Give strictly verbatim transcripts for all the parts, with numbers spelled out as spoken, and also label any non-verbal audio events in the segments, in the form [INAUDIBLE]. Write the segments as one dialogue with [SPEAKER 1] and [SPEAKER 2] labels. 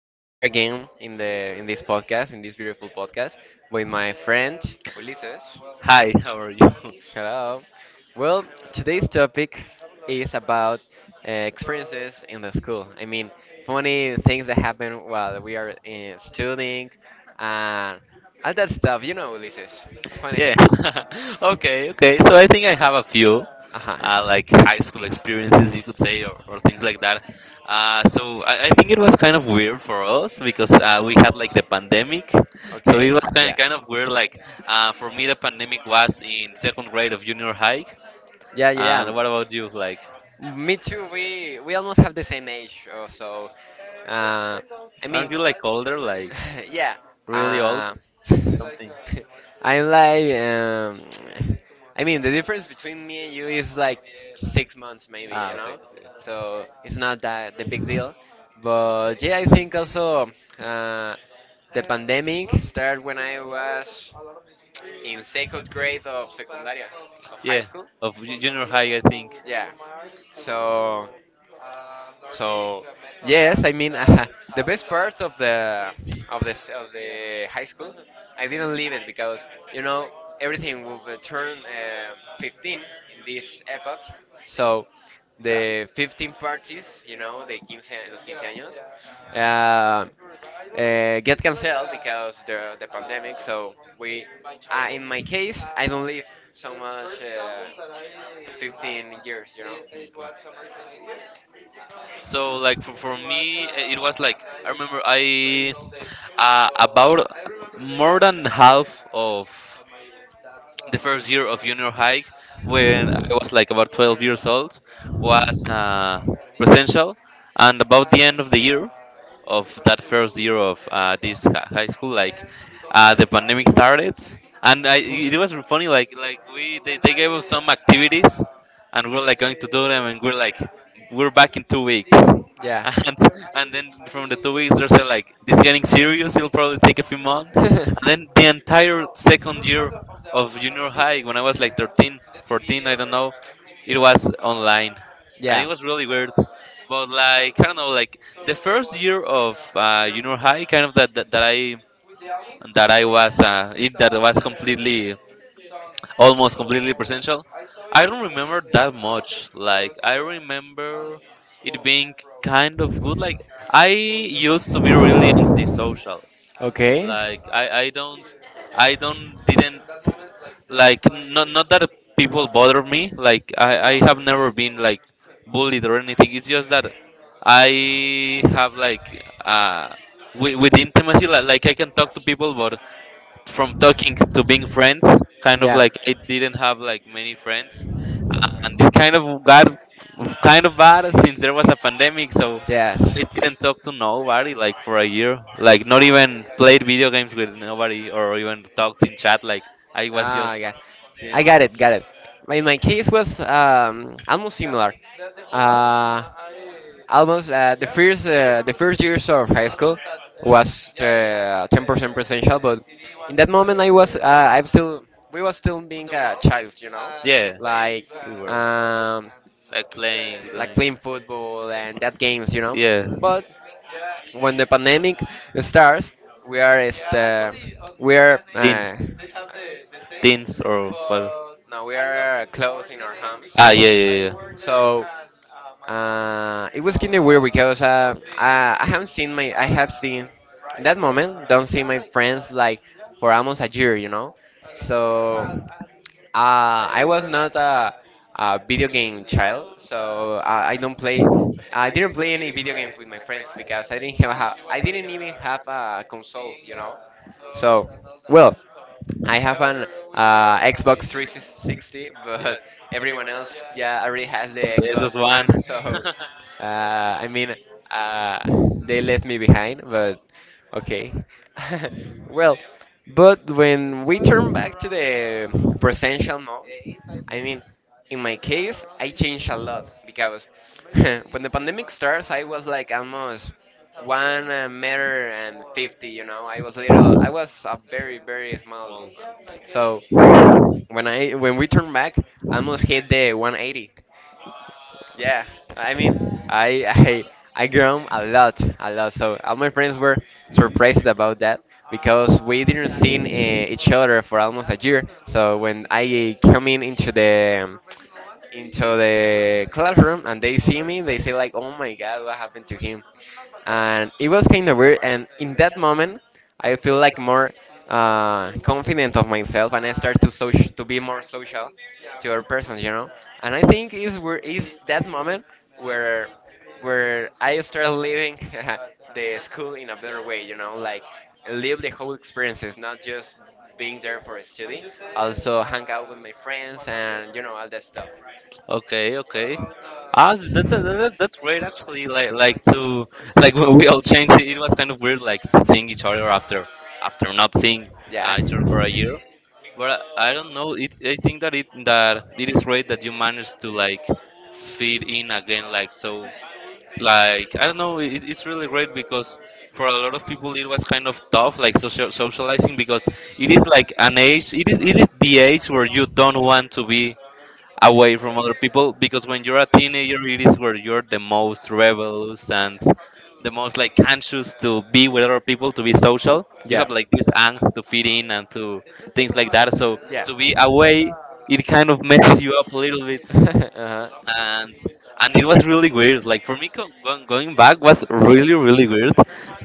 [SPEAKER 1] I'm here again in the in this podcast, in this beautiful podcast, with my friend Ulises.
[SPEAKER 2] Hi, [LAUGHS] how are you? [LAUGHS]
[SPEAKER 1] Hello. Well, today's topic is about uh, experiences in the school. I mean, funny things that happen while we are uh, studying and all that stuff. You know, Ulises. Funny
[SPEAKER 2] Yeah.
[SPEAKER 1] things.
[SPEAKER 2] [LAUGHS] okay, okay. So I think I have a few,
[SPEAKER 1] Uh huh.
[SPEAKER 2] uh, like high school experiences, you could say, or, or things like that. Uh, so I, I think it was kind of weird for us because uh, we had like the pandemic. So it was
[SPEAKER 1] Okay.
[SPEAKER 2] kind of,
[SPEAKER 1] Yeah.
[SPEAKER 2] kind of weird. Like uh, for me, the pandemic was in second grade of junior high.
[SPEAKER 1] Yeah, yeah, yeah.
[SPEAKER 2] And what about you? Like,
[SPEAKER 1] Me too. We we almost have the same age, uh, so uh, I
[SPEAKER 2] aren't
[SPEAKER 1] mean,
[SPEAKER 2] you like older? Like
[SPEAKER 1] [LAUGHS] yeah.
[SPEAKER 2] really old?
[SPEAKER 1] Uh,
[SPEAKER 2] Something?
[SPEAKER 1] [LAUGHS] I'm like, um, I mean, the difference between me and you is like six months, maybe, you
[SPEAKER 2] Ah, okay,
[SPEAKER 1] know.
[SPEAKER 2] okay.
[SPEAKER 1] So it's not that the big
[SPEAKER 2] Okay.
[SPEAKER 1] deal. But yeah, I think also uh, the pandemic started when I was in second grade of secundaria, of high
[SPEAKER 2] Yeah,
[SPEAKER 1] school.
[SPEAKER 2] of ju- junior high, I think.
[SPEAKER 1] Yeah. So, so yes, I mean [LAUGHS] the best part of the of the s- of the high school, I didn't leave it because you know everything will be turn um fifteen in this epoch. So the fifteen parties, you know, the fifteen, los fifteen años, uh, uh, get canceled because the the pandemic. So we, uh, in my case, I don't live so much uh, fifteen years, you know.
[SPEAKER 2] So like for, for me, eh, it was like I remember I uh, about more than half of the first year of junior high when I was like about twelve years old was uh, presential, and about the end of the year of that first year of uh, this hi- high school, like uh, the pandemic started, and I, it was funny. Like like we they, they gave us some activities, and we are like going to do them, and we're like we're back in two weeks. [LAUGHS]
[SPEAKER 1] Yeah.
[SPEAKER 2] And, and then from the two weeks, they're like this is getting serious. It'll probably take a few months. And then the entire second year of junior high, when I was like thirteen, fourteen, I don't know, it was online,
[SPEAKER 1] [LAUGHS]
[SPEAKER 2] and
[SPEAKER 1] yeah.
[SPEAKER 2] it was really weird. But like I don't know, like the first year of uh, junior high, kind of that that, that I that I was uh, it that was completely almost completely presential. I don't remember that much. Like I remember it being kind of good. Like I used to be really antisocial. Like I, I don't I don't didn't like not not that people bother me, like i i have never been like bullied or anything. It's just that I have like uh with, with intimacy, like, like I can talk to people, but from talking to being friends, kind
[SPEAKER 1] like
[SPEAKER 2] of
[SPEAKER 1] Yeah.
[SPEAKER 2] like I didn't have like many friends, uh, and this kind of got kind of bad since there was a pandemic, so I
[SPEAKER 1] Yes.
[SPEAKER 2] didn't talk to nobody like for a year, like not even played video games with nobody or even talked in chat. Like I was
[SPEAKER 1] Ah,
[SPEAKER 2] just
[SPEAKER 1] yeah.
[SPEAKER 2] this,
[SPEAKER 1] I got it, got it. In my case was um, almost similar. Uh, almost uh, the first uh, the first years of high school was uh, ten percent presential, but in that moment I was uh, I'm still we was still being a child, you know,
[SPEAKER 2] yeah,
[SPEAKER 1] like
[SPEAKER 2] we were
[SPEAKER 1] um,
[SPEAKER 2] like playing,
[SPEAKER 1] like
[SPEAKER 2] doing,
[SPEAKER 1] playing football and that games, you know.
[SPEAKER 2] yeah,
[SPEAKER 1] But when the pandemic starts, we are este, we are uh,
[SPEAKER 2] teens, teens or well,
[SPEAKER 1] no, we are close in our homes.
[SPEAKER 2] ah, yeah, yeah, yeah.
[SPEAKER 1] So uh, it was kind of weird because uh, I, I haven't seen my I have seen in that moment don't see my friends like for almost a year, you know. So uh, I was not a, a video game child, so I, I don't play. I didn't play any video games with my friends because I didn't have. A, I didn't even have a console, you know. So, well, I have an uh, Xbox three sixty, but [LAUGHS] everyone else, yeah, already has the
[SPEAKER 2] Yeah. This is
[SPEAKER 1] Xbox
[SPEAKER 2] one.
[SPEAKER 1] One. [LAUGHS] So, uh, I
[SPEAKER 2] [LAUGHS]
[SPEAKER 1] mean, uh, they left me behind, but okay. [LAUGHS] Well, but when we turn back to the presential mode, I mean, in my case, I changed a lot because [LAUGHS] when the pandemic starts, I was like almost one uh, meter and fifty, you know, I was little, I was a very, very small. So when I when we turn back, I almost hit the one eighty. Yeah, I mean, I I I grown a lot, a lot. So all my friends were surprised about that because we didn't see uh, each other for almost a year. So when I come in into the into the classroom and they see me, they say like, "Oh my God, what happened to him?" And it was kind of weird. And in that moment, I feel like more uh, confident of myself, and I start to social, to be more social to other persons, you know. And I think is where is that moment where where I started living [LAUGHS] the school in a better way, you know, like live the whole experiences, not just being there for study, also hang out with my friends and you know all that stuff.
[SPEAKER 2] Okay, okay. Ah, that's that, that, that's great actually. Like like to like when we all changed. It, it was kind of weird like seeing each other after after not seeing
[SPEAKER 1] Yeah.
[SPEAKER 2] uh, each other for a year. But I, I don't know. It I think that it that it is great that you managed to like fit in again. Like so like I don't know. It, it's really great because for a lot of people it was kind of tough like social, socializing because it is like an age. It is it is the age where you don't want to be away from other people, because when you're a teenager it is where you're the most rebels and the most like anxious to be with other people, to be social. You have like this angst to fit in and to things like that, so to be
[SPEAKER 1] [LAUGHS]
[SPEAKER 2] away it kind of messes you up a little bit,
[SPEAKER 1] [LAUGHS] uh-huh.
[SPEAKER 2] and and it was really weird. Like for me go- going going back was really really weird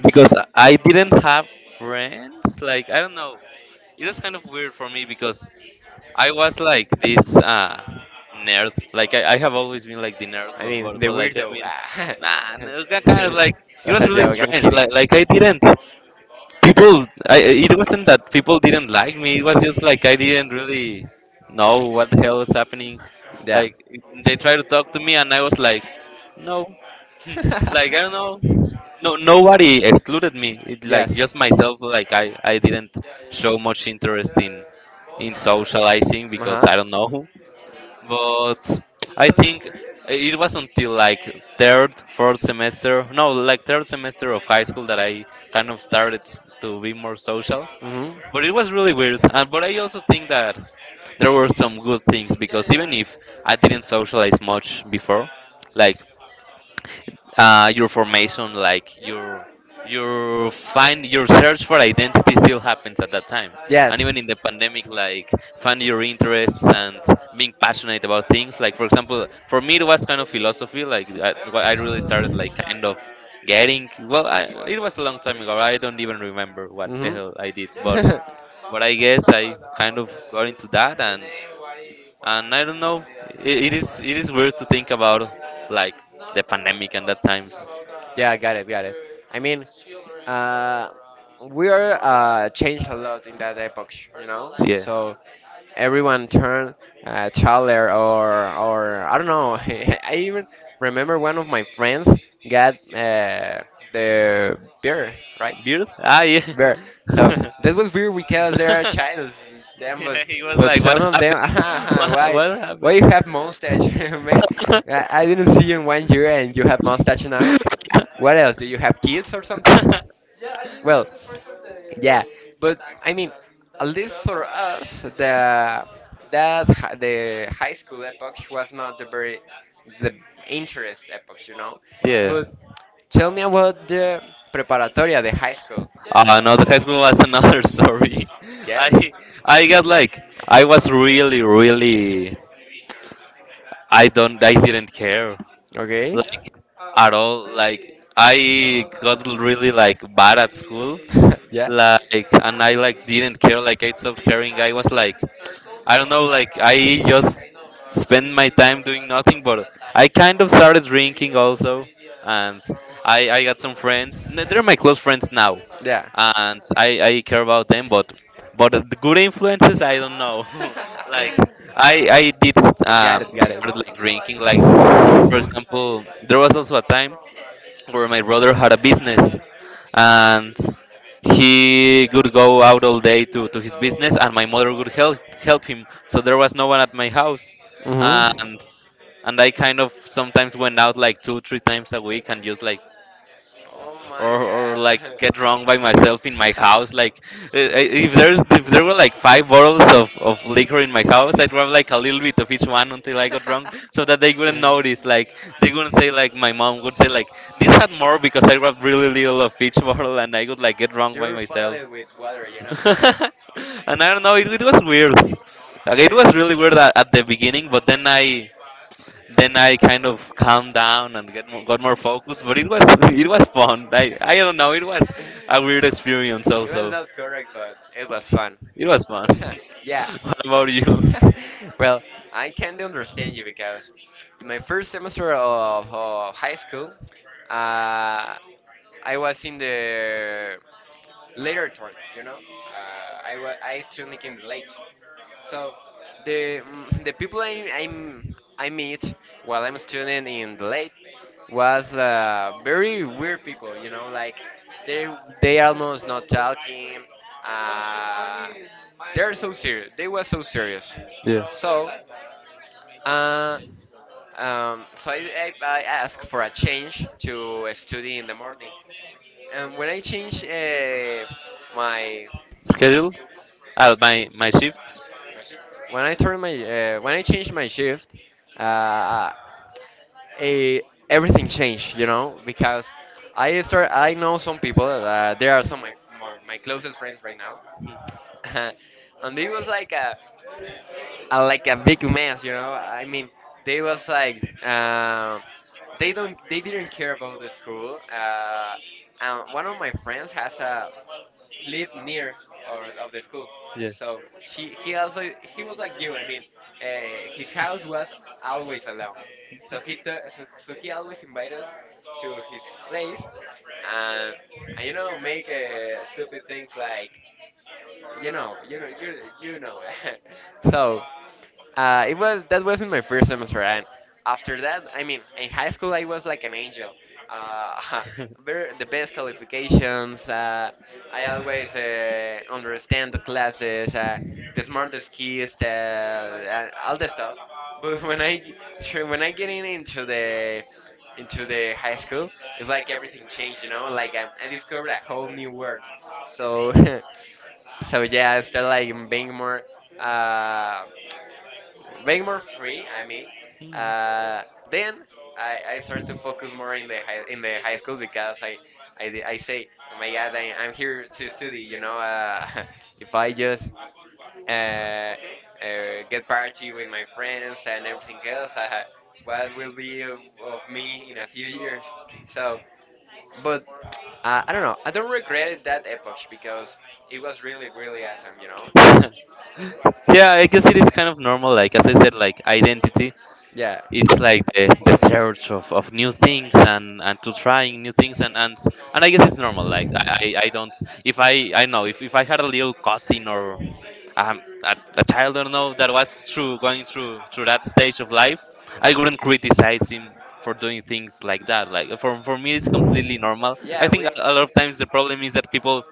[SPEAKER 2] because I didn't have friends. Like I don't know, it was kind of weird for me because I was like this uh, nerd. Like I, I have always been like the nerd,
[SPEAKER 1] It's I
[SPEAKER 2] but, but,
[SPEAKER 1] mean, the
[SPEAKER 2] but like I
[SPEAKER 1] weirdo.
[SPEAKER 2] mean,
[SPEAKER 1] Ah.
[SPEAKER 2] nah, no, ki- kind of
[SPEAKER 1] [LAUGHS]
[SPEAKER 2] like it
[SPEAKER 1] That's
[SPEAKER 2] was
[SPEAKER 1] a
[SPEAKER 2] really
[SPEAKER 1] joke. I'm
[SPEAKER 2] strange. Like
[SPEAKER 1] kidding.
[SPEAKER 2] like I didn't people. I it wasn't that people didn't like me. It was just like I didn't really know what the hell was happening.
[SPEAKER 1] Yeah.
[SPEAKER 2] Like they tried to talk to me, and I was like, no, [LAUGHS] like I
[SPEAKER 1] [LAUGHS]
[SPEAKER 2] don't know. No, nobody excluded me. It, like
[SPEAKER 1] yes.
[SPEAKER 2] just myself. Like I, I didn't show much interest in in socializing
[SPEAKER 1] Uh
[SPEAKER 2] because
[SPEAKER 1] huh.
[SPEAKER 2] I don't know. But I think it was until like third, fourth semester. No, like third semester of high school that I kind of started to be more social.
[SPEAKER 1] Hmm.
[SPEAKER 2] But it was really weird. And but I also think that there were some good things because even if I didn't socialize much before, like uh, your formation, like your your find your search for identity still happens at that time. And even
[SPEAKER 1] Yes.
[SPEAKER 2] in the pandemic, like find your interests and being passionate about things. Like for example, for me it was kind of philosophy. Like I, what I really started like kind of getting well. I, it was a long time ago. I don't even remember what the
[SPEAKER 1] Hmm.
[SPEAKER 2] hell I did,
[SPEAKER 1] [LAUGHS]
[SPEAKER 2] but but I guess
[SPEAKER 1] Stuff
[SPEAKER 2] I
[SPEAKER 1] about the,
[SPEAKER 2] kind
[SPEAKER 1] about
[SPEAKER 2] of
[SPEAKER 1] the,
[SPEAKER 2] got into that
[SPEAKER 1] the
[SPEAKER 2] and
[SPEAKER 1] name, why Juan
[SPEAKER 2] and I
[SPEAKER 1] and
[SPEAKER 2] don't know.
[SPEAKER 1] Gabriel
[SPEAKER 2] It, it
[SPEAKER 1] and other
[SPEAKER 2] is
[SPEAKER 1] parts,
[SPEAKER 2] it is
[SPEAKER 1] but
[SPEAKER 2] weird to think
[SPEAKER 1] uh,
[SPEAKER 2] about like
[SPEAKER 1] not
[SPEAKER 2] the pandemic
[SPEAKER 1] a
[SPEAKER 2] and
[SPEAKER 1] lot
[SPEAKER 2] that
[SPEAKER 1] of things
[SPEAKER 2] times.
[SPEAKER 1] about Yeah, got it, got uh, it. The I mean, children uh, or uh, we are uh, changed a lot in that epoch, you personal know. Life stuff.
[SPEAKER 2] Yeah.
[SPEAKER 1] So everyone turned uh, taller, or or I don't know. [LAUGHS] I even remember one of my friends got uh, the beer, right?
[SPEAKER 2] Beautiful. Ah, yeah.
[SPEAKER 1] Bear.
[SPEAKER 2] [LAUGHS] [LAUGHS]
[SPEAKER 1] So that was weird because there are childs, in them, but
[SPEAKER 2] he was
[SPEAKER 1] but
[SPEAKER 2] like, what
[SPEAKER 1] some of
[SPEAKER 2] happened?
[SPEAKER 1] them, [LAUGHS] ah,
[SPEAKER 2] [LAUGHS]
[SPEAKER 1] ah,
[SPEAKER 2] What,
[SPEAKER 1] why
[SPEAKER 2] what
[SPEAKER 1] why you
[SPEAKER 2] happened?
[SPEAKER 1] have mustache, [LAUGHS] man? I,
[SPEAKER 2] [LAUGHS]
[SPEAKER 1] I didn't see you in one year and you have mustache now. What else? Do you have kids or something? Well, yeah, but I mean, at least for us, the that hi- the high school epoch was not the very the interest epoch, you know.
[SPEAKER 2] yeah.
[SPEAKER 1] But tell me about the preparatoria, the high school.
[SPEAKER 2] Uh, no, the high school was another [LAUGHS] story.
[SPEAKER 1] Yes.
[SPEAKER 2] I I got like I was really really I don't I didn't care
[SPEAKER 1] Okay.
[SPEAKER 2] like at all. Like I got
[SPEAKER 1] [LAUGHS]
[SPEAKER 2] really like bad at school,
[SPEAKER 1] yeah.
[SPEAKER 2] like, and i like didn't care. Like I stopped caring. I was like I don't know, like I just spend my time doing nothing, but I kind of started drinking also. And i i got some friends. N- they're my close friends now,
[SPEAKER 1] Yeah.
[SPEAKER 2] and i i care about them, but but the good influences, I don't know. [LAUGHS] like I I did
[SPEAKER 1] [LAUGHS]
[SPEAKER 2] um
[SPEAKER 1] got it. Got it.
[SPEAKER 2] Started like drinking. Like for example, there was also a time where my brother had a business, and he would go out all day to, to his business, and my mother would help help him, so there was no one at my house.
[SPEAKER 1] Mhm.
[SPEAKER 2] and and I kind of sometimes went out like two three times a week and just like,
[SPEAKER 1] Oh
[SPEAKER 2] or
[SPEAKER 1] my
[SPEAKER 2] or like get drunk by myself in my house. Like uh, uh, if there's if there were like five bottles of, of liquor
[SPEAKER 1] god.
[SPEAKER 2] in my house, I'd grab like a little bit of each one until I got drunk, so that they wouldn't notice.
[SPEAKER 1] [LAUGHS] [LAUGHS]
[SPEAKER 2] Like they wouldn't say, like my mom would say like, this had more, because I grabbed really little of each [LAUGHS] bottle, and I would like get drunk by
[SPEAKER 1] You're
[SPEAKER 2] myself.
[SPEAKER 1] filing with water, you know. [LAUGHS] I
[SPEAKER 2] [LAUGHS] And I don't know, it, it was weird. Like, it
[SPEAKER 1] mean,
[SPEAKER 2] was really weird at, at the beginning, but then i then I kind of calmed down and get more, got more focused. But it was [LAUGHS] it was fun. I I don't know. It was a weird experience
[SPEAKER 1] it was
[SPEAKER 2] also.
[SPEAKER 1] not correct, but it was fun.
[SPEAKER 2] It was fun.
[SPEAKER 1] [LAUGHS] yeah.
[SPEAKER 2] [LAUGHS] what about you?
[SPEAKER 1] [LAUGHS] well, I can't understand you because in my first semester of, of high school, uh, I was in the later turn, you know. Uh, I, wa- I still making the late. So the mm, the people I I'm, I meet while I'm a student in the late was uh, very weird people, you know, like they they almost not talking. Uh, they're so serious. They were so serious.
[SPEAKER 2] Yeah.
[SPEAKER 1] So uh, um, so I, I, I asked for a change to a study in the morning. And when I change uh, my
[SPEAKER 2] Schedule? Uh, my my shift.
[SPEAKER 1] when I turn my uh, when I change my shift, uh, eh, everything changed, you know, because I start I know some people. Uh, there are some of my, my my closest friends right now, [LAUGHS] and they was like. Uh, uh, like a big mess, you know. I mean, they was like uh, they don't they didn't care about the school. Uh, and one of my friends has a live near or of the school,
[SPEAKER 2] Yeah.
[SPEAKER 1] so she he also he was like you. I mean, uh, his house was always alone, so he t- so, so he always invited us to his place, and, and you know make uh, stupid things like you know, you know, you you know. [LAUGHS] So uh, it was that wasn't my first semester, and after that, I mean, in high school I was like an angel. Uh, [LAUGHS] very, the best qualifications. Uh, I always uh, understand the classes, uh, the smartest kids, uh, and all the stuff. But [LAUGHS] when I sure, when I get in into the into the high school, it's like everything changed, you know. Like um, I discovered a whole new world. So [LAUGHS] So yeah, I started like being more uh, way more free. I mean,
[SPEAKER 2] Hmm.
[SPEAKER 1] uh, then I, I start to focus more in the high, in the high school because I I, di- I say, oh my God, I, I'm here to study. You know, uh, [LAUGHS] if I just uh, uh, get party with my friends and everything else, uh, what will be of, of me in a few years? So, but uh, I don't know. I don't regret that epoch because it was really really awesome. You
[SPEAKER 2] [LAUGHS]
[SPEAKER 1] know.
[SPEAKER 2] Yeah, I guess it is kind of normal. Like as I said, like identity.
[SPEAKER 1] Yeah.
[SPEAKER 2] It's like the, the search of, of new things, and, and to trying new things, and, and s- and I guess it's normal. Like I, I I don't if I I know if, if I had a little cousin or um, a, a child, I don't know, that was through going through through that stage of life, I wouldn't criticize him for doing things like that. Like for for me it's completely normal. I
[SPEAKER 1] Yeah,
[SPEAKER 2] think a
[SPEAKER 1] we.
[SPEAKER 2] a lot of times the problem is that people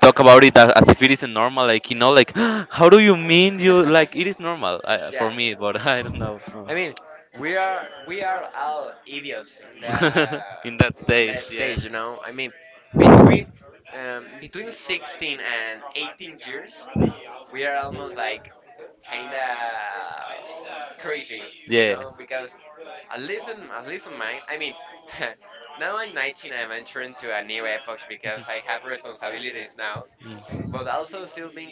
[SPEAKER 2] talk about it a- as if it isn't normal. Like you know, like [GASPS] how do you mean you like it is normal uh,
[SPEAKER 1] [LAUGHS] yeah.
[SPEAKER 2] for me, but [LAUGHS] I don't know.
[SPEAKER 1] I mean, we are we are all idiots in
[SPEAKER 2] [LAUGHS] in that
[SPEAKER 1] the in
[SPEAKER 2] stage,
[SPEAKER 1] that
[SPEAKER 2] yeah.
[SPEAKER 1] stage, you know. I mean, between um, between sixteen and eighteen years, we are almost like kinda crazy, you know,
[SPEAKER 2] Yeah.
[SPEAKER 1] because at least in at least in mine, I mean, [LAUGHS] now I'm nineteen, I'm entering to a new epoch because I have responsibilities now,
[SPEAKER 2] Mm.
[SPEAKER 1] but also still being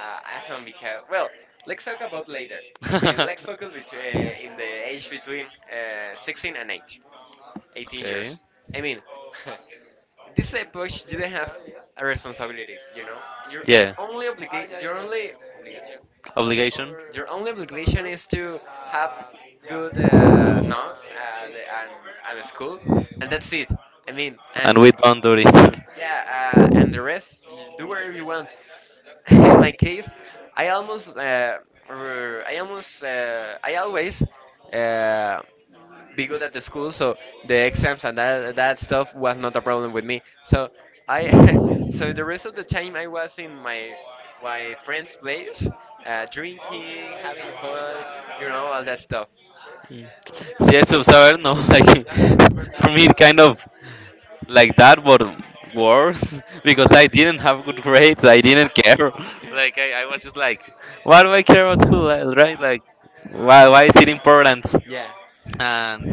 [SPEAKER 1] uh, awesome because well, let's talk about later.
[SPEAKER 2] [LAUGHS]
[SPEAKER 1] I mean, let's focus bet-
[SPEAKER 2] okay.
[SPEAKER 1] uh, in the age between uh, sixteen and eight. eighteen years. I mean, [LAUGHS] this epoch didn't have a responsibilities, you know? Your
[SPEAKER 2] Yeah.
[SPEAKER 1] only obligation, your only obligation,
[SPEAKER 2] Obligation.
[SPEAKER 1] your only obligation is to have good uh, notes at, and, and school, and that's it. I mean,
[SPEAKER 2] And
[SPEAKER 1] and
[SPEAKER 2] we don't do it. [LAUGHS]
[SPEAKER 1] yeah, uh, and the rest, just do whatever you want. [LAUGHS] In my case, I almost, uh, r- I almost, uh, I always uh, be good at the school, so the exams and that that stuff was not a problem with me. So I, [LAUGHS] so the rest of the time I was in my my friend's place, uh, drinking, having fun, you know, all that stuff.
[SPEAKER 2] Mm. Sí, eso, saber, no, [LAUGHS] like, for me, it kind of like that, but worse [LAUGHS] because I didn't
[SPEAKER 1] Uh-huh.
[SPEAKER 2] have good grades. I didn't care. [LAUGHS] Like I, I was just like, why do I care about school? uh, Right? Like, why why is it important?
[SPEAKER 1] [LAUGHS] yeah.
[SPEAKER 2] And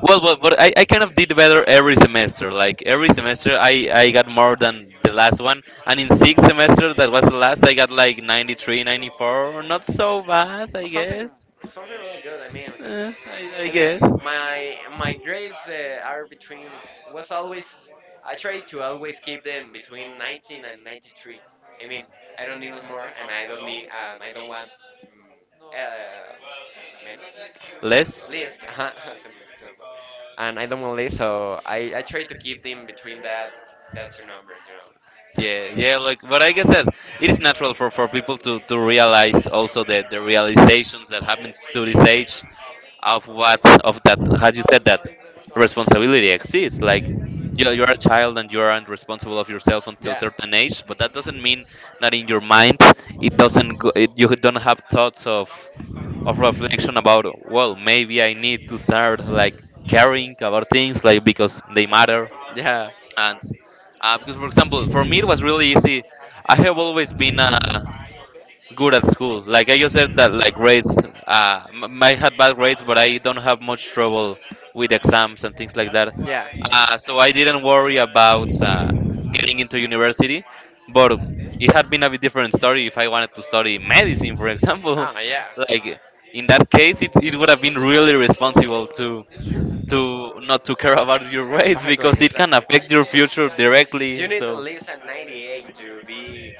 [SPEAKER 2] well, but, but I, I kind of did better every semester. Like every semester, I I got more than the last one. And in six semesters, that was the last, I got like ninety-three, ninety-four. Not so bad, I
[SPEAKER 1] Something
[SPEAKER 2] guess.
[SPEAKER 1] something really good. I mean,
[SPEAKER 2] Uh, I, I
[SPEAKER 1] I mean,
[SPEAKER 2] guess
[SPEAKER 1] my my grades uh, are between was always I try to always keep them between nineteen and ninety-three. I mean, I don't need more, and I don't need um, I don't want mm, uh, many
[SPEAKER 2] less.
[SPEAKER 1] list. [LAUGHS] Uh-huh. [LAUGHS] And I don't want list, so I I try to keep them between that that two numbers, you know.
[SPEAKER 2] Yeah, yeah, like what I guess that it is natural for, for people to, to realize also the, the realizations that happens to this age of what of that, as you said, that responsibility exists. Like you you're a child and you aren't responsible of yourself until
[SPEAKER 1] Yeah,
[SPEAKER 2] certain age, but that doesn't mean that in your mind it doesn't go, it, you don't have thoughts of of reflection about well maybe I need to start like caring about things like because they matter.
[SPEAKER 1] yeah.
[SPEAKER 2] And uh, because for example for me it was really easy. I have always been uh, good at school, like I just said that, like grades. uh, m- I had bad grades but I don't have much trouble with exams and things like that.
[SPEAKER 1] Yeah.
[SPEAKER 2] Uh, so I didn't worry about uh, getting into university, but it had been a bit different story if I wanted to study medicine, for example.
[SPEAKER 1] Ah, yeah.
[SPEAKER 2] [LAUGHS] Like in that case, it, it would have been really responsible too, to not to care about your race
[SPEAKER 1] Exactly,
[SPEAKER 2] because it can
[SPEAKER 1] exactly.
[SPEAKER 2] affect your future
[SPEAKER 1] You
[SPEAKER 2] directly.
[SPEAKER 1] need at
[SPEAKER 2] So
[SPEAKER 1] least a ninety-eight to be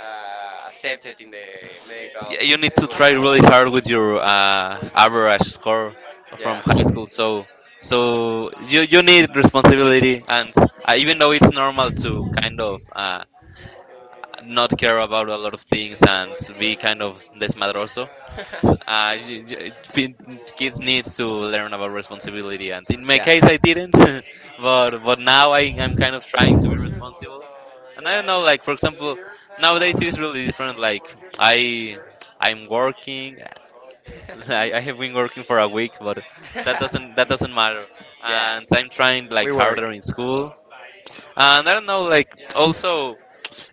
[SPEAKER 1] uh, accepted in the medical
[SPEAKER 2] yeah, you need to
[SPEAKER 1] school, you
[SPEAKER 2] try really
[SPEAKER 1] know?
[SPEAKER 2] hard with your uh, average score from
[SPEAKER 1] Yeah.
[SPEAKER 2] high school. So so you you need responsibility, and uh, even though it's normal to kind of uh, not care about a lot of things and be kind of desmadroso, uh, y- y- it been-
[SPEAKER 1] [LAUGHS]
[SPEAKER 2] kids needs to learn about responsibility, and in my
[SPEAKER 1] yeah.
[SPEAKER 2] case, I didn't. [LAUGHS] but but now I am kind of trying to be responsible, and I don't know. Like for example, nowadays it is really different. Like I I'm working. [LAUGHS] I, I have been working for a week, but that doesn't that doesn't matter.
[SPEAKER 1] [LAUGHS] yeah.
[SPEAKER 2] And I'm trying
[SPEAKER 1] We
[SPEAKER 2] like harder
[SPEAKER 1] work.
[SPEAKER 2] in school, and I don't know. Like also.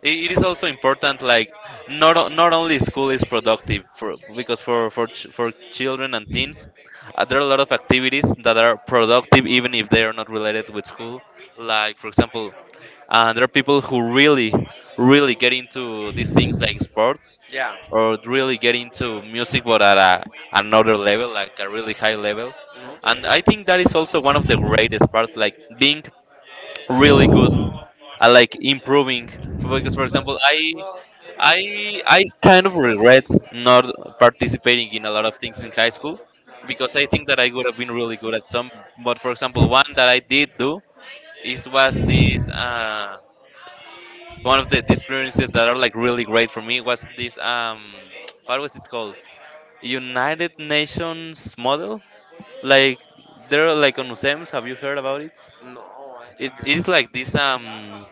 [SPEAKER 2] I- It is also important like not o- not only school is productive for, because for for ch- for children and teens uh, there are a lot of activities that are productive even if they are not related with school. Like for example, uh, there are people who really really get into these things like sports
[SPEAKER 1] Yeah.
[SPEAKER 2] or really get into music but at a, another level, like a really high level. And I think
[SPEAKER 1] Mhm.
[SPEAKER 2] that is also one of the greatest parts, like being really good. I like improving because, for example, I I I kind of regret not participating in a lot of things in high school because I think that I would have been really good at some. But for example, one that I did do is was this, uh, one of the the experiences that are like really great for me was this um [TSK] what was it called, United Nations model, like they're like on museums. Have you heard about it?
[SPEAKER 1] No, I
[SPEAKER 2] It
[SPEAKER 1] just hear.
[SPEAKER 2] is like this um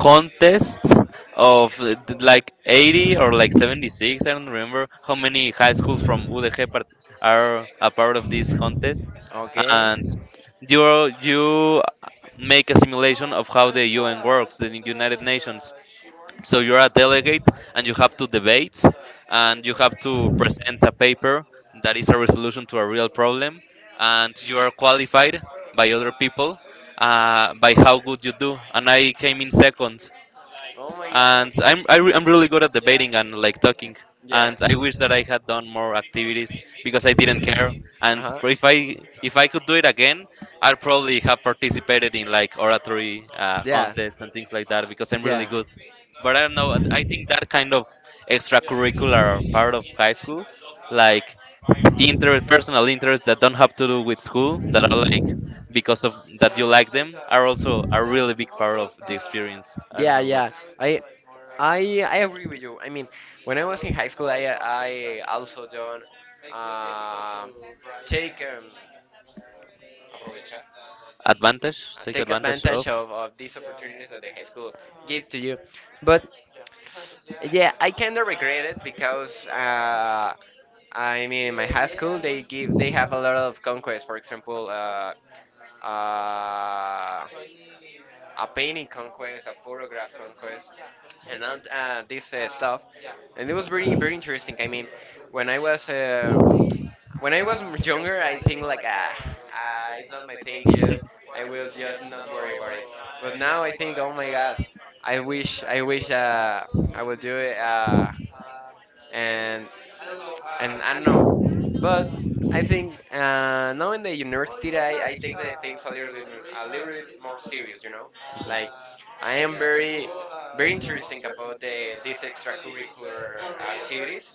[SPEAKER 2] contests of uh, th- like eighty or like seventy-six, I don't remember how many high schools from UDG part- are a part of this contest.
[SPEAKER 1] Okay.
[SPEAKER 2] And you you make a simulation of how the UN works, the United Nations. So you're a delegate, and you have to debate, and you have to present a paper that is a resolution to a real problem. And you are qualified by other people, uh, by how good you do, and I came in second.
[SPEAKER 1] Oh my god.
[SPEAKER 2] And I'm I re- I'm really good at debating and like talking.
[SPEAKER 1] Yeah.
[SPEAKER 2] And I wish that I had done more activities because I didn't care.
[SPEAKER 1] Uh
[SPEAKER 2] And
[SPEAKER 1] huh.
[SPEAKER 2] if I, if I could do it again, I'd probably have participated in like oratory uh,
[SPEAKER 1] Yeah.
[SPEAKER 2] contests and things like that because I'm really
[SPEAKER 1] Yeah.
[SPEAKER 2] good. But I don't know. I think that kind of extracurricular part of high school, like interest, personal interests that don't have to do with school, that are like because of that you like them, are also a really big part of the experience. I don't
[SPEAKER 1] Yeah,
[SPEAKER 2] know what.
[SPEAKER 1] yeah. I I I agree with you. I mean, when I was in high school, I I also done um, take um, aprovechar
[SPEAKER 2] Advantage,
[SPEAKER 1] uh,
[SPEAKER 2] take
[SPEAKER 1] take
[SPEAKER 2] advantage of.
[SPEAKER 1] advantage of, of these opportunities that the high school give to you. But yeah, I kind of regret it because uh, I mean, in my high school, they give they have a lot of conquests. For example, uh, uh, a painting conquest, a photograph conquest, and all uh, this uh, stuff. And it was very very interesting. I mean, when I was uh, when I was m- younger, I think like ah, ah it's not my thing. You, I will just not worry about it. But now I think, oh my God, I wish, I wish uh, I would do it. Uh, and and I don't know, but I think uh, now in the university I, I take the things a little bit more, a little bit more serious, you know, like I am very very interesting about the these extracurricular activities.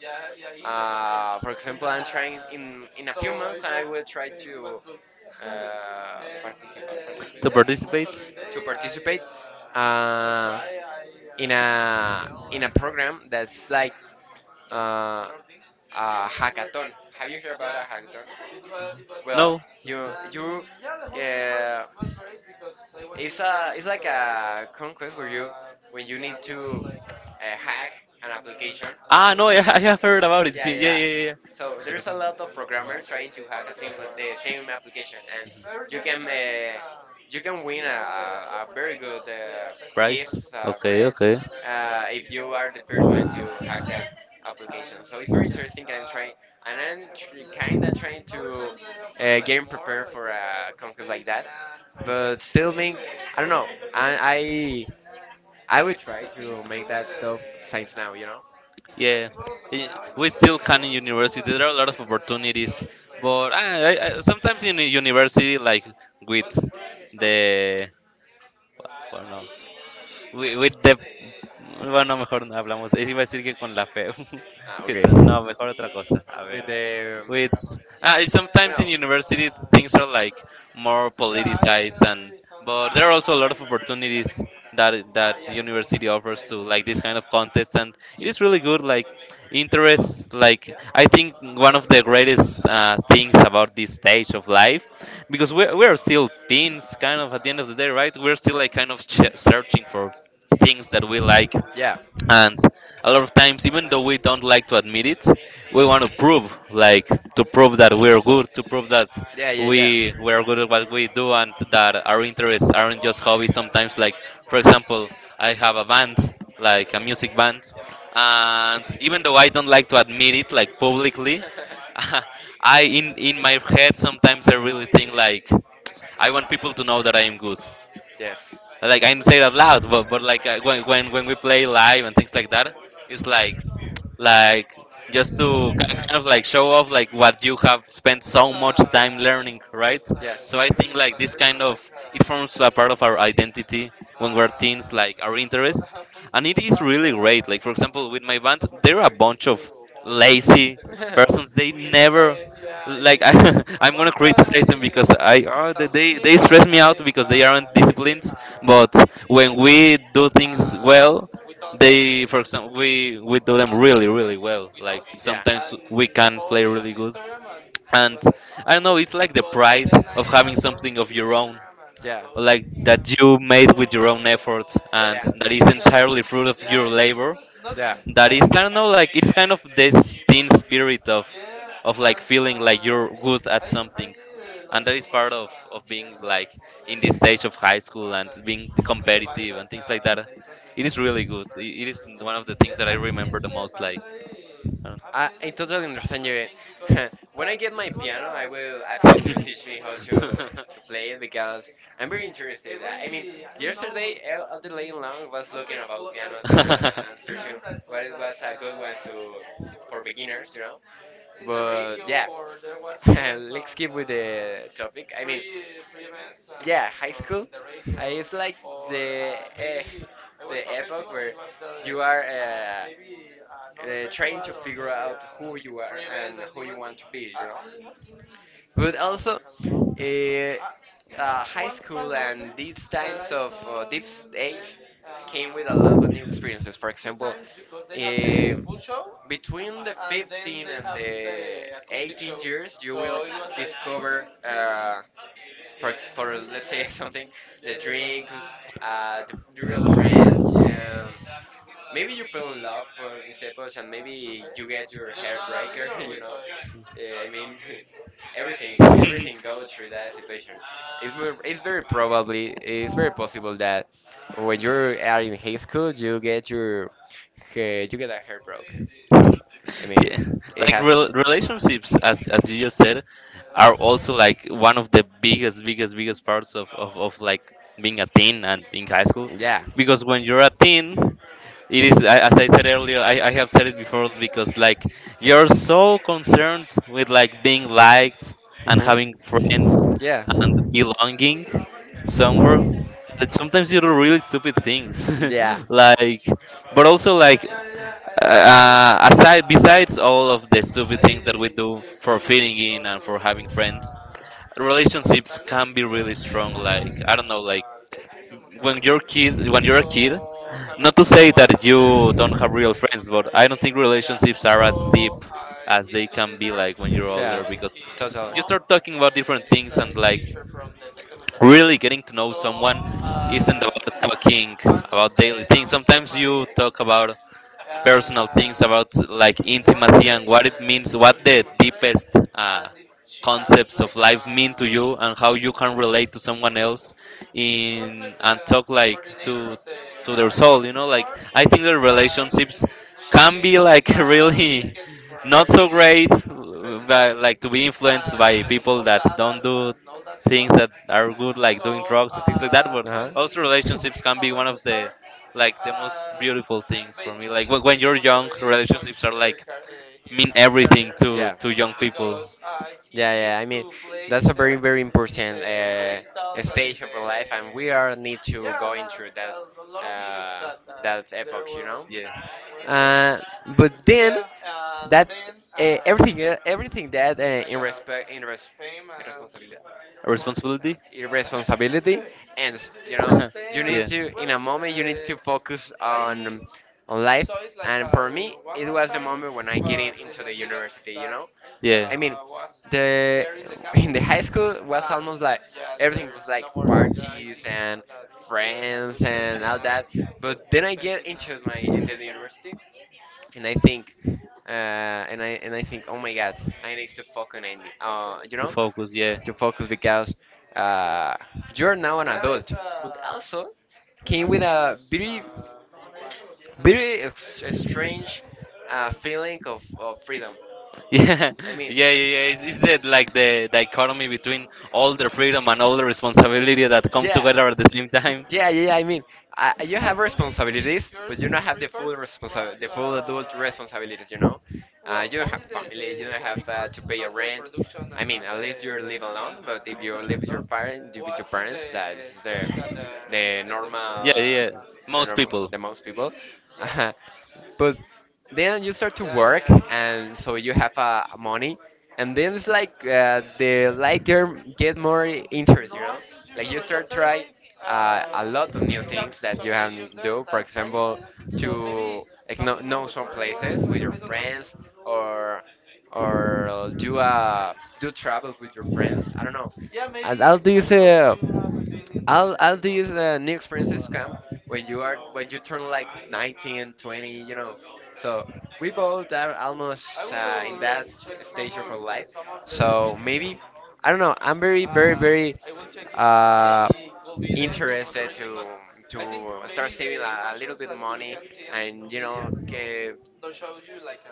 [SPEAKER 1] Uh, for example, I'm trying in in a few months I will try to uh, participate,
[SPEAKER 2] To participate?
[SPEAKER 1] participate to participate uh, in a in a program that's like uh, a hackathon. Have you heard about a hackathon? Well,
[SPEAKER 2] No.
[SPEAKER 1] you you uh, it's a it's like a conquest where you when you need to uh, hack an application.
[SPEAKER 2] Ah, no, yeah, [LAUGHS] I have heard about it.
[SPEAKER 1] Yeah,
[SPEAKER 2] Yeah,
[SPEAKER 1] yeah,
[SPEAKER 2] yeah,
[SPEAKER 1] yeah.
[SPEAKER 2] yeah,
[SPEAKER 1] So
[SPEAKER 2] yeah.
[SPEAKER 1] there's a lot of
[SPEAKER 2] Like.
[SPEAKER 1] programmers trying to hack a simple the same application, and you can uh, you can win a, a, a very good uh,
[SPEAKER 2] Price.
[SPEAKER 1] gifts, uh,
[SPEAKER 2] Okay,
[SPEAKER 1] breads,
[SPEAKER 2] okay.
[SPEAKER 1] uh, if you are the first one to hack that application. So it's very interesting. and I'm trying, and I'm tr- kind of trying to uh, getting prepared for a conference like that, but still being, I don't know. I I, I would try to make that stuff science now. You know.
[SPEAKER 2] Yeah, i- we still can in university. There are a lot of opportunities, but I, I, I- sometimes in the university, like with the, I don't know, Wi- with the... Bueno, mejor no hablamos. Es- Iba a decir que con la fe.
[SPEAKER 1] Ah,
[SPEAKER 2] [LAUGHS] Que
[SPEAKER 1] okay.
[SPEAKER 2] ta- No, mejor otra cosa. A ver.
[SPEAKER 1] With the,
[SPEAKER 2] With... Ah, it's
[SPEAKER 1] you
[SPEAKER 2] sometimes in
[SPEAKER 1] know
[SPEAKER 2] university things are like more politicized and... But there are also a lot of opportunities that that the university offers to like this kind of contests, and it is really good. Like interests, like I think one of the greatest uh, things about this stage of life, because we're, we're still teens kind of at the end of the day, right? We're still like kind of ch- searching for things that we like.
[SPEAKER 1] yeah,
[SPEAKER 2] And a lot of times, even though we don't like to admit it, we want to prove like to prove that we're good, to prove that
[SPEAKER 1] yeah, yeah, yeah.
[SPEAKER 2] we we're good at what we do, and that our interests aren't just hobbies sometimes. Like for example, I have a band, like a music band, and even though I don't like to admit it like publicly, [LAUGHS]
[SPEAKER 1] [LAUGHS]
[SPEAKER 2] I in in my head sometimes I really think like I want people to know that I am good.
[SPEAKER 1] yes,
[SPEAKER 2] Like I do not say it out loud, but but like uh, when when when we play live and things like that, it's like like just to ki- kind of like show off like what you have spent so much time learning, right?
[SPEAKER 1] yes.
[SPEAKER 2] So I think like this kind of, it forms a part of our identity when we're teens, like our interests. And it is really great, like for example with my band there are a bunch of lazy persons, they never like, [LAUGHS] I, I'm gonna criticize them because
[SPEAKER 1] [LAUGHS]
[SPEAKER 2] I
[SPEAKER 1] [LAUGHS]
[SPEAKER 2] oh, they they they stress me out because they aren't disciplined. But when we do things well, they, for example, we we do them really really
[SPEAKER 1] [LAUGHS]
[SPEAKER 2] well. Like
[SPEAKER 1] Yeah.
[SPEAKER 2] sometimes we can play really good, and I don't know. It's like the pride of having something of your own, like that you made with your own effort, and that is entirely fruit of your
[SPEAKER 1] [LAUGHS]
[SPEAKER 2] labor. That is, I don't
[SPEAKER 1] [LAUGHS]
[SPEAKER 2] know, like it's kind of this teen spirit of of like feeling like you're good at something, and that is part of of being like in this stage of high school and being competitive and things like that. It is really good, it it is one of the things that I remember the most. Like I don't
[SPEAKER 1] I, I totally understand you. [LAUGHS] when I uh, get my piano, I will a ask you to teach me how to to play it because I'm very interested. I, I mean, yesterday El- Elder Lane Long was looking about pianos and, and searching what it was a good uh, one to
[SPEAKER 2] know. [LAUGHS] [LAUGHS]
[SPEAKER 1] for beginners, you know. [LAUGHS] topic. It's are the uh, you to be, you. But also, uh, high school and these times of uh, this age came with a lot of new experiences. For example, eh, between the fifteen and the eighteen years, you will discover, uh, for, ex- for let's say [LAUGHS] something, the drinks, uh, the f- the real friends, um, maybe you fell in love for this episode and maybe you get your heartbreaker, [LAUGHS] you know. Yeah, I mean, [LAUGHS] everything, everything goes through that situation. It's ver- it's very probably, it's very possible that when you are in high school, you get your, eh, you get a heartbroken. I mean,
[SPEAKER 2] Yeah,
[SPEAKER 1] it
[SPEAKER 2] like
[SPEAKER 1] happened.
[SPEAKER 2] rel relationships, as as you just said, are also like one of the biggest biggest biggest parts of of, of like being a teen and in high school,
[SPEAKER 1] Yeah.
[SPEAKER 2] because when you're a teen it is, I- as I said earlier, I, I have said it before, because like you're so concerned with like being liked and
[SPEAKER 1] Hmm.
[SPEAKER 2] having friends,
[SPEAKER 1] Yeah.
[SPEAKER 2] belonging somewhere, that sometimes you do really stupid things.
[SPEAKER 1] Yeah.
[SPEAKER 2] [LAUGHS] Like but also like uh, aside besides all of the stupid things that we do for fitting in and for having friends, relationships can be really strong, like I don't know, like when you're kid, when you're a kid, not to say that you don't have real friends, but I don't think relationships are as deep as they can be like when you're older, because you start talking about different things and like really getting to know someone isn't about talking about daily things. Sometimes you talk about personal things about like intimacy and what it means, what the deepest uh, concepts of life mean to you, and how you can relate to someone else in and talk like to to their soul, you know. Like I think their relationships can be like [LAUGHS] really not so great, but like to be influenced by people that don't do things that are good, like doing drugs and things like that.
[SPEAKER 1] Uh
[SPEAKER 2] But also
[SPEAKER 1] when [LAUGHS]
[SPEAKER 2] relationships can be one of
[SPEAKER 1] huh.
[SPEAKER 2] the like the most beautiful things for me, like wh- when you're young, relationships are like mean everything to
[SPEAKER 1] Yeah, up,
[SPEAKER 2] to young people.
[SPEAKER 1] yeah, he yeah. I mean, that's a very, the very important uh, stage of our life, and we are need to go into that a uh, that epoch, you know. Were.
[SPEAKER 2] Yeah.
[SPEAKER 1] Uh, but then that uh, everything, uh, everything that uh, in respect, in res responsibility,
[SPEAKER 2] A responsibility.
[SPEAKER 1] [LAUGHS] irresponsibility, and you know, [LAUGHS] you
[SPEAKER 2] [LAUGHS]
[SPEAKER 1] need
[SPEAKER 2] Yeah,
[SPEAKER 1] then to in a moment you need to focus on on life. And for uh, me, it was the moment when I getting into the university. You know,
[SPEAKER 2] yeah.
[SPEAKER 1] I mean, the there [LAUGHS] in the campus. High school was almost like everything was like parties and friends and all that. But then I get into my into the university, and I think, uh, and I and I think, oh my God, I need to fucking end it. Uh, you
[SPEAKER 2] To
[SPEAKER 1] know,
[SPEAKER 2] focus. Yeah.
[SPEAKER 1] to focus because uh, you're now an adult, but also came with a very, very ex- strange uh, feeling of, of freedom.
[SPEAKER 2] Yeah, [LAUGHS]
[SPEAKER 1] I mean,
[SPEAKER 2] yeah, yeah, yeah. Is is that like the dichotomy between all the freedom and all the responsibility that come, yeah,
[SPEAKER 1] yeah.
[SPEAKER 2] together at the same time?
[SPEAKER 1] Yeah, yeah, yeah, I mean, I, you have responsibilities, but you don't have the full responsi- the full adult responsibilities. You know, uh, you don't have family. You don't have uh, to pay a rent. I mean, at least you live alone. But if you live with your parents, with your parents, that is the the normal,
[SPEAKER 2] Yeah,
[SPEAKER 1] uh,
[SPEAKER 2] yeah.
[SPEAKER 1] the
[SPEAKER 2] Most
[SPEAKER 1] normal,
[SPEAKER 2] people.
[SPEAKER 1] the most people. [LAUGHS] But then you start to work, and so you have uh, money, and then it's like uh, the like get get more interest, you know. Like you start try uh, a lot of new things that you can do. For example, to like know, know some places with your friends, or or do uh, do travels with your friends. I don't know. And all these uh, all all these uh, new experiences come when you are when you turn like nineteen, twenty, you know, so we both are almost uh, in that stage of our life, so maybe I don't know, I'm very very very uh, interested to to start saving a, a little bit money, and you know, ge-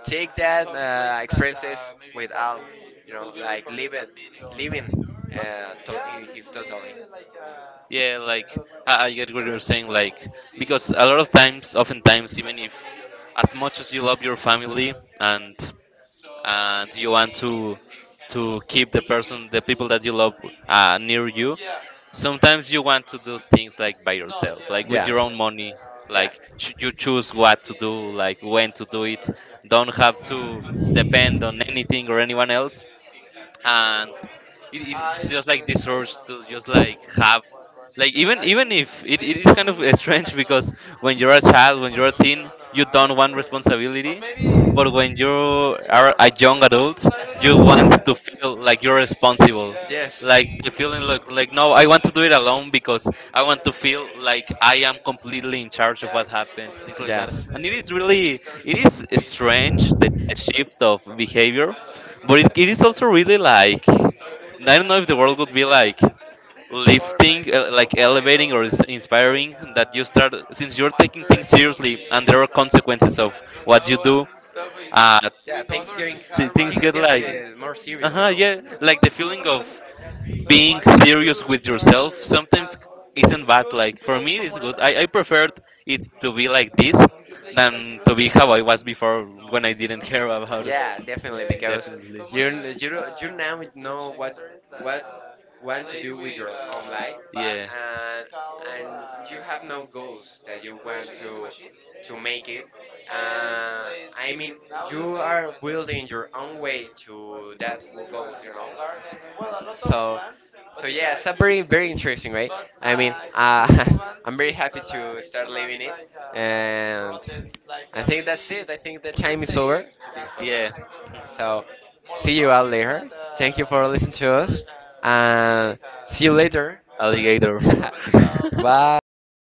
[SPEAKER 1] take that uh, experiences without, you know, like living living uh, to- in his totally.
[SPEAKER 2] Yeah, like I, I get what you're saying. Like because a lot of times, oftentimes, even if as much as you love your family and and you want to to keep the person, the people that you love uh, near you, sometimes you want to do things like by yourself, like with your own money, like ch- you choose what to do, like when to do it, don't have to depend on anything or anyone else. And it, it's just like this urge to just like have like even even if it, it is kind of [LAUGHS] strange, because when you're a child, when you're a teen, you don't want responsibility, but when you are a young adult you want to feel like you're responsible,
[SPEAKER 1] Yeah.
[SPEAKER 2] like the feeling like like no, I want to do it alone because I want to feel like I am completely in charge of what happens, things like that. And it is really, it is strange the, the shift of behavior, but it, it is also really
[SPEAKER 1] [LAUGHS]
[SPEAKER 2] like, I don't know, if the world would be like lifting uh, like elevating or is- inspiring that you start, since you're taking things seriously and there are consequences of what you do, uh th- things get like, uh-huh, yeah, like the feeling of
[SPEAKER 1] [LAUGHS]
[SPEAKER 2] being serious with yourself sometimes isn't bad. Like for me it's good. i, I preferred it to be like this than to be how I was before when I didn't care about it.
[SPEAKER 1] Yeah,
[SPEAKER 2] I
[SPEAKER 1] definitely,
[SPEAKER 2] think
[SPEAKER 1] because
[SPEAKER 2] definitely,
[SPEAKER 1] you you don't- you now know what what want to do your own life,
[SPEAKER 2] yeah,
[SPEAKER 1] and and you have no goals that you want to to make it, uh, I mean, you are building your own way to that goals, you know. So, so yeah, it's a very, very interesting, right? I mean, uh, [LAUGHS] I'm very happy to start living it, and I think that's it. I think the time is over to this
[SPEAKER 2] yeah.
[SPEAKER 1] podcast. So, see you all later. Thank you for listening to us, and see you later.
[SPEAKER 2] Alligator.
[SPEAKER 1] [LAUGHS] Bye.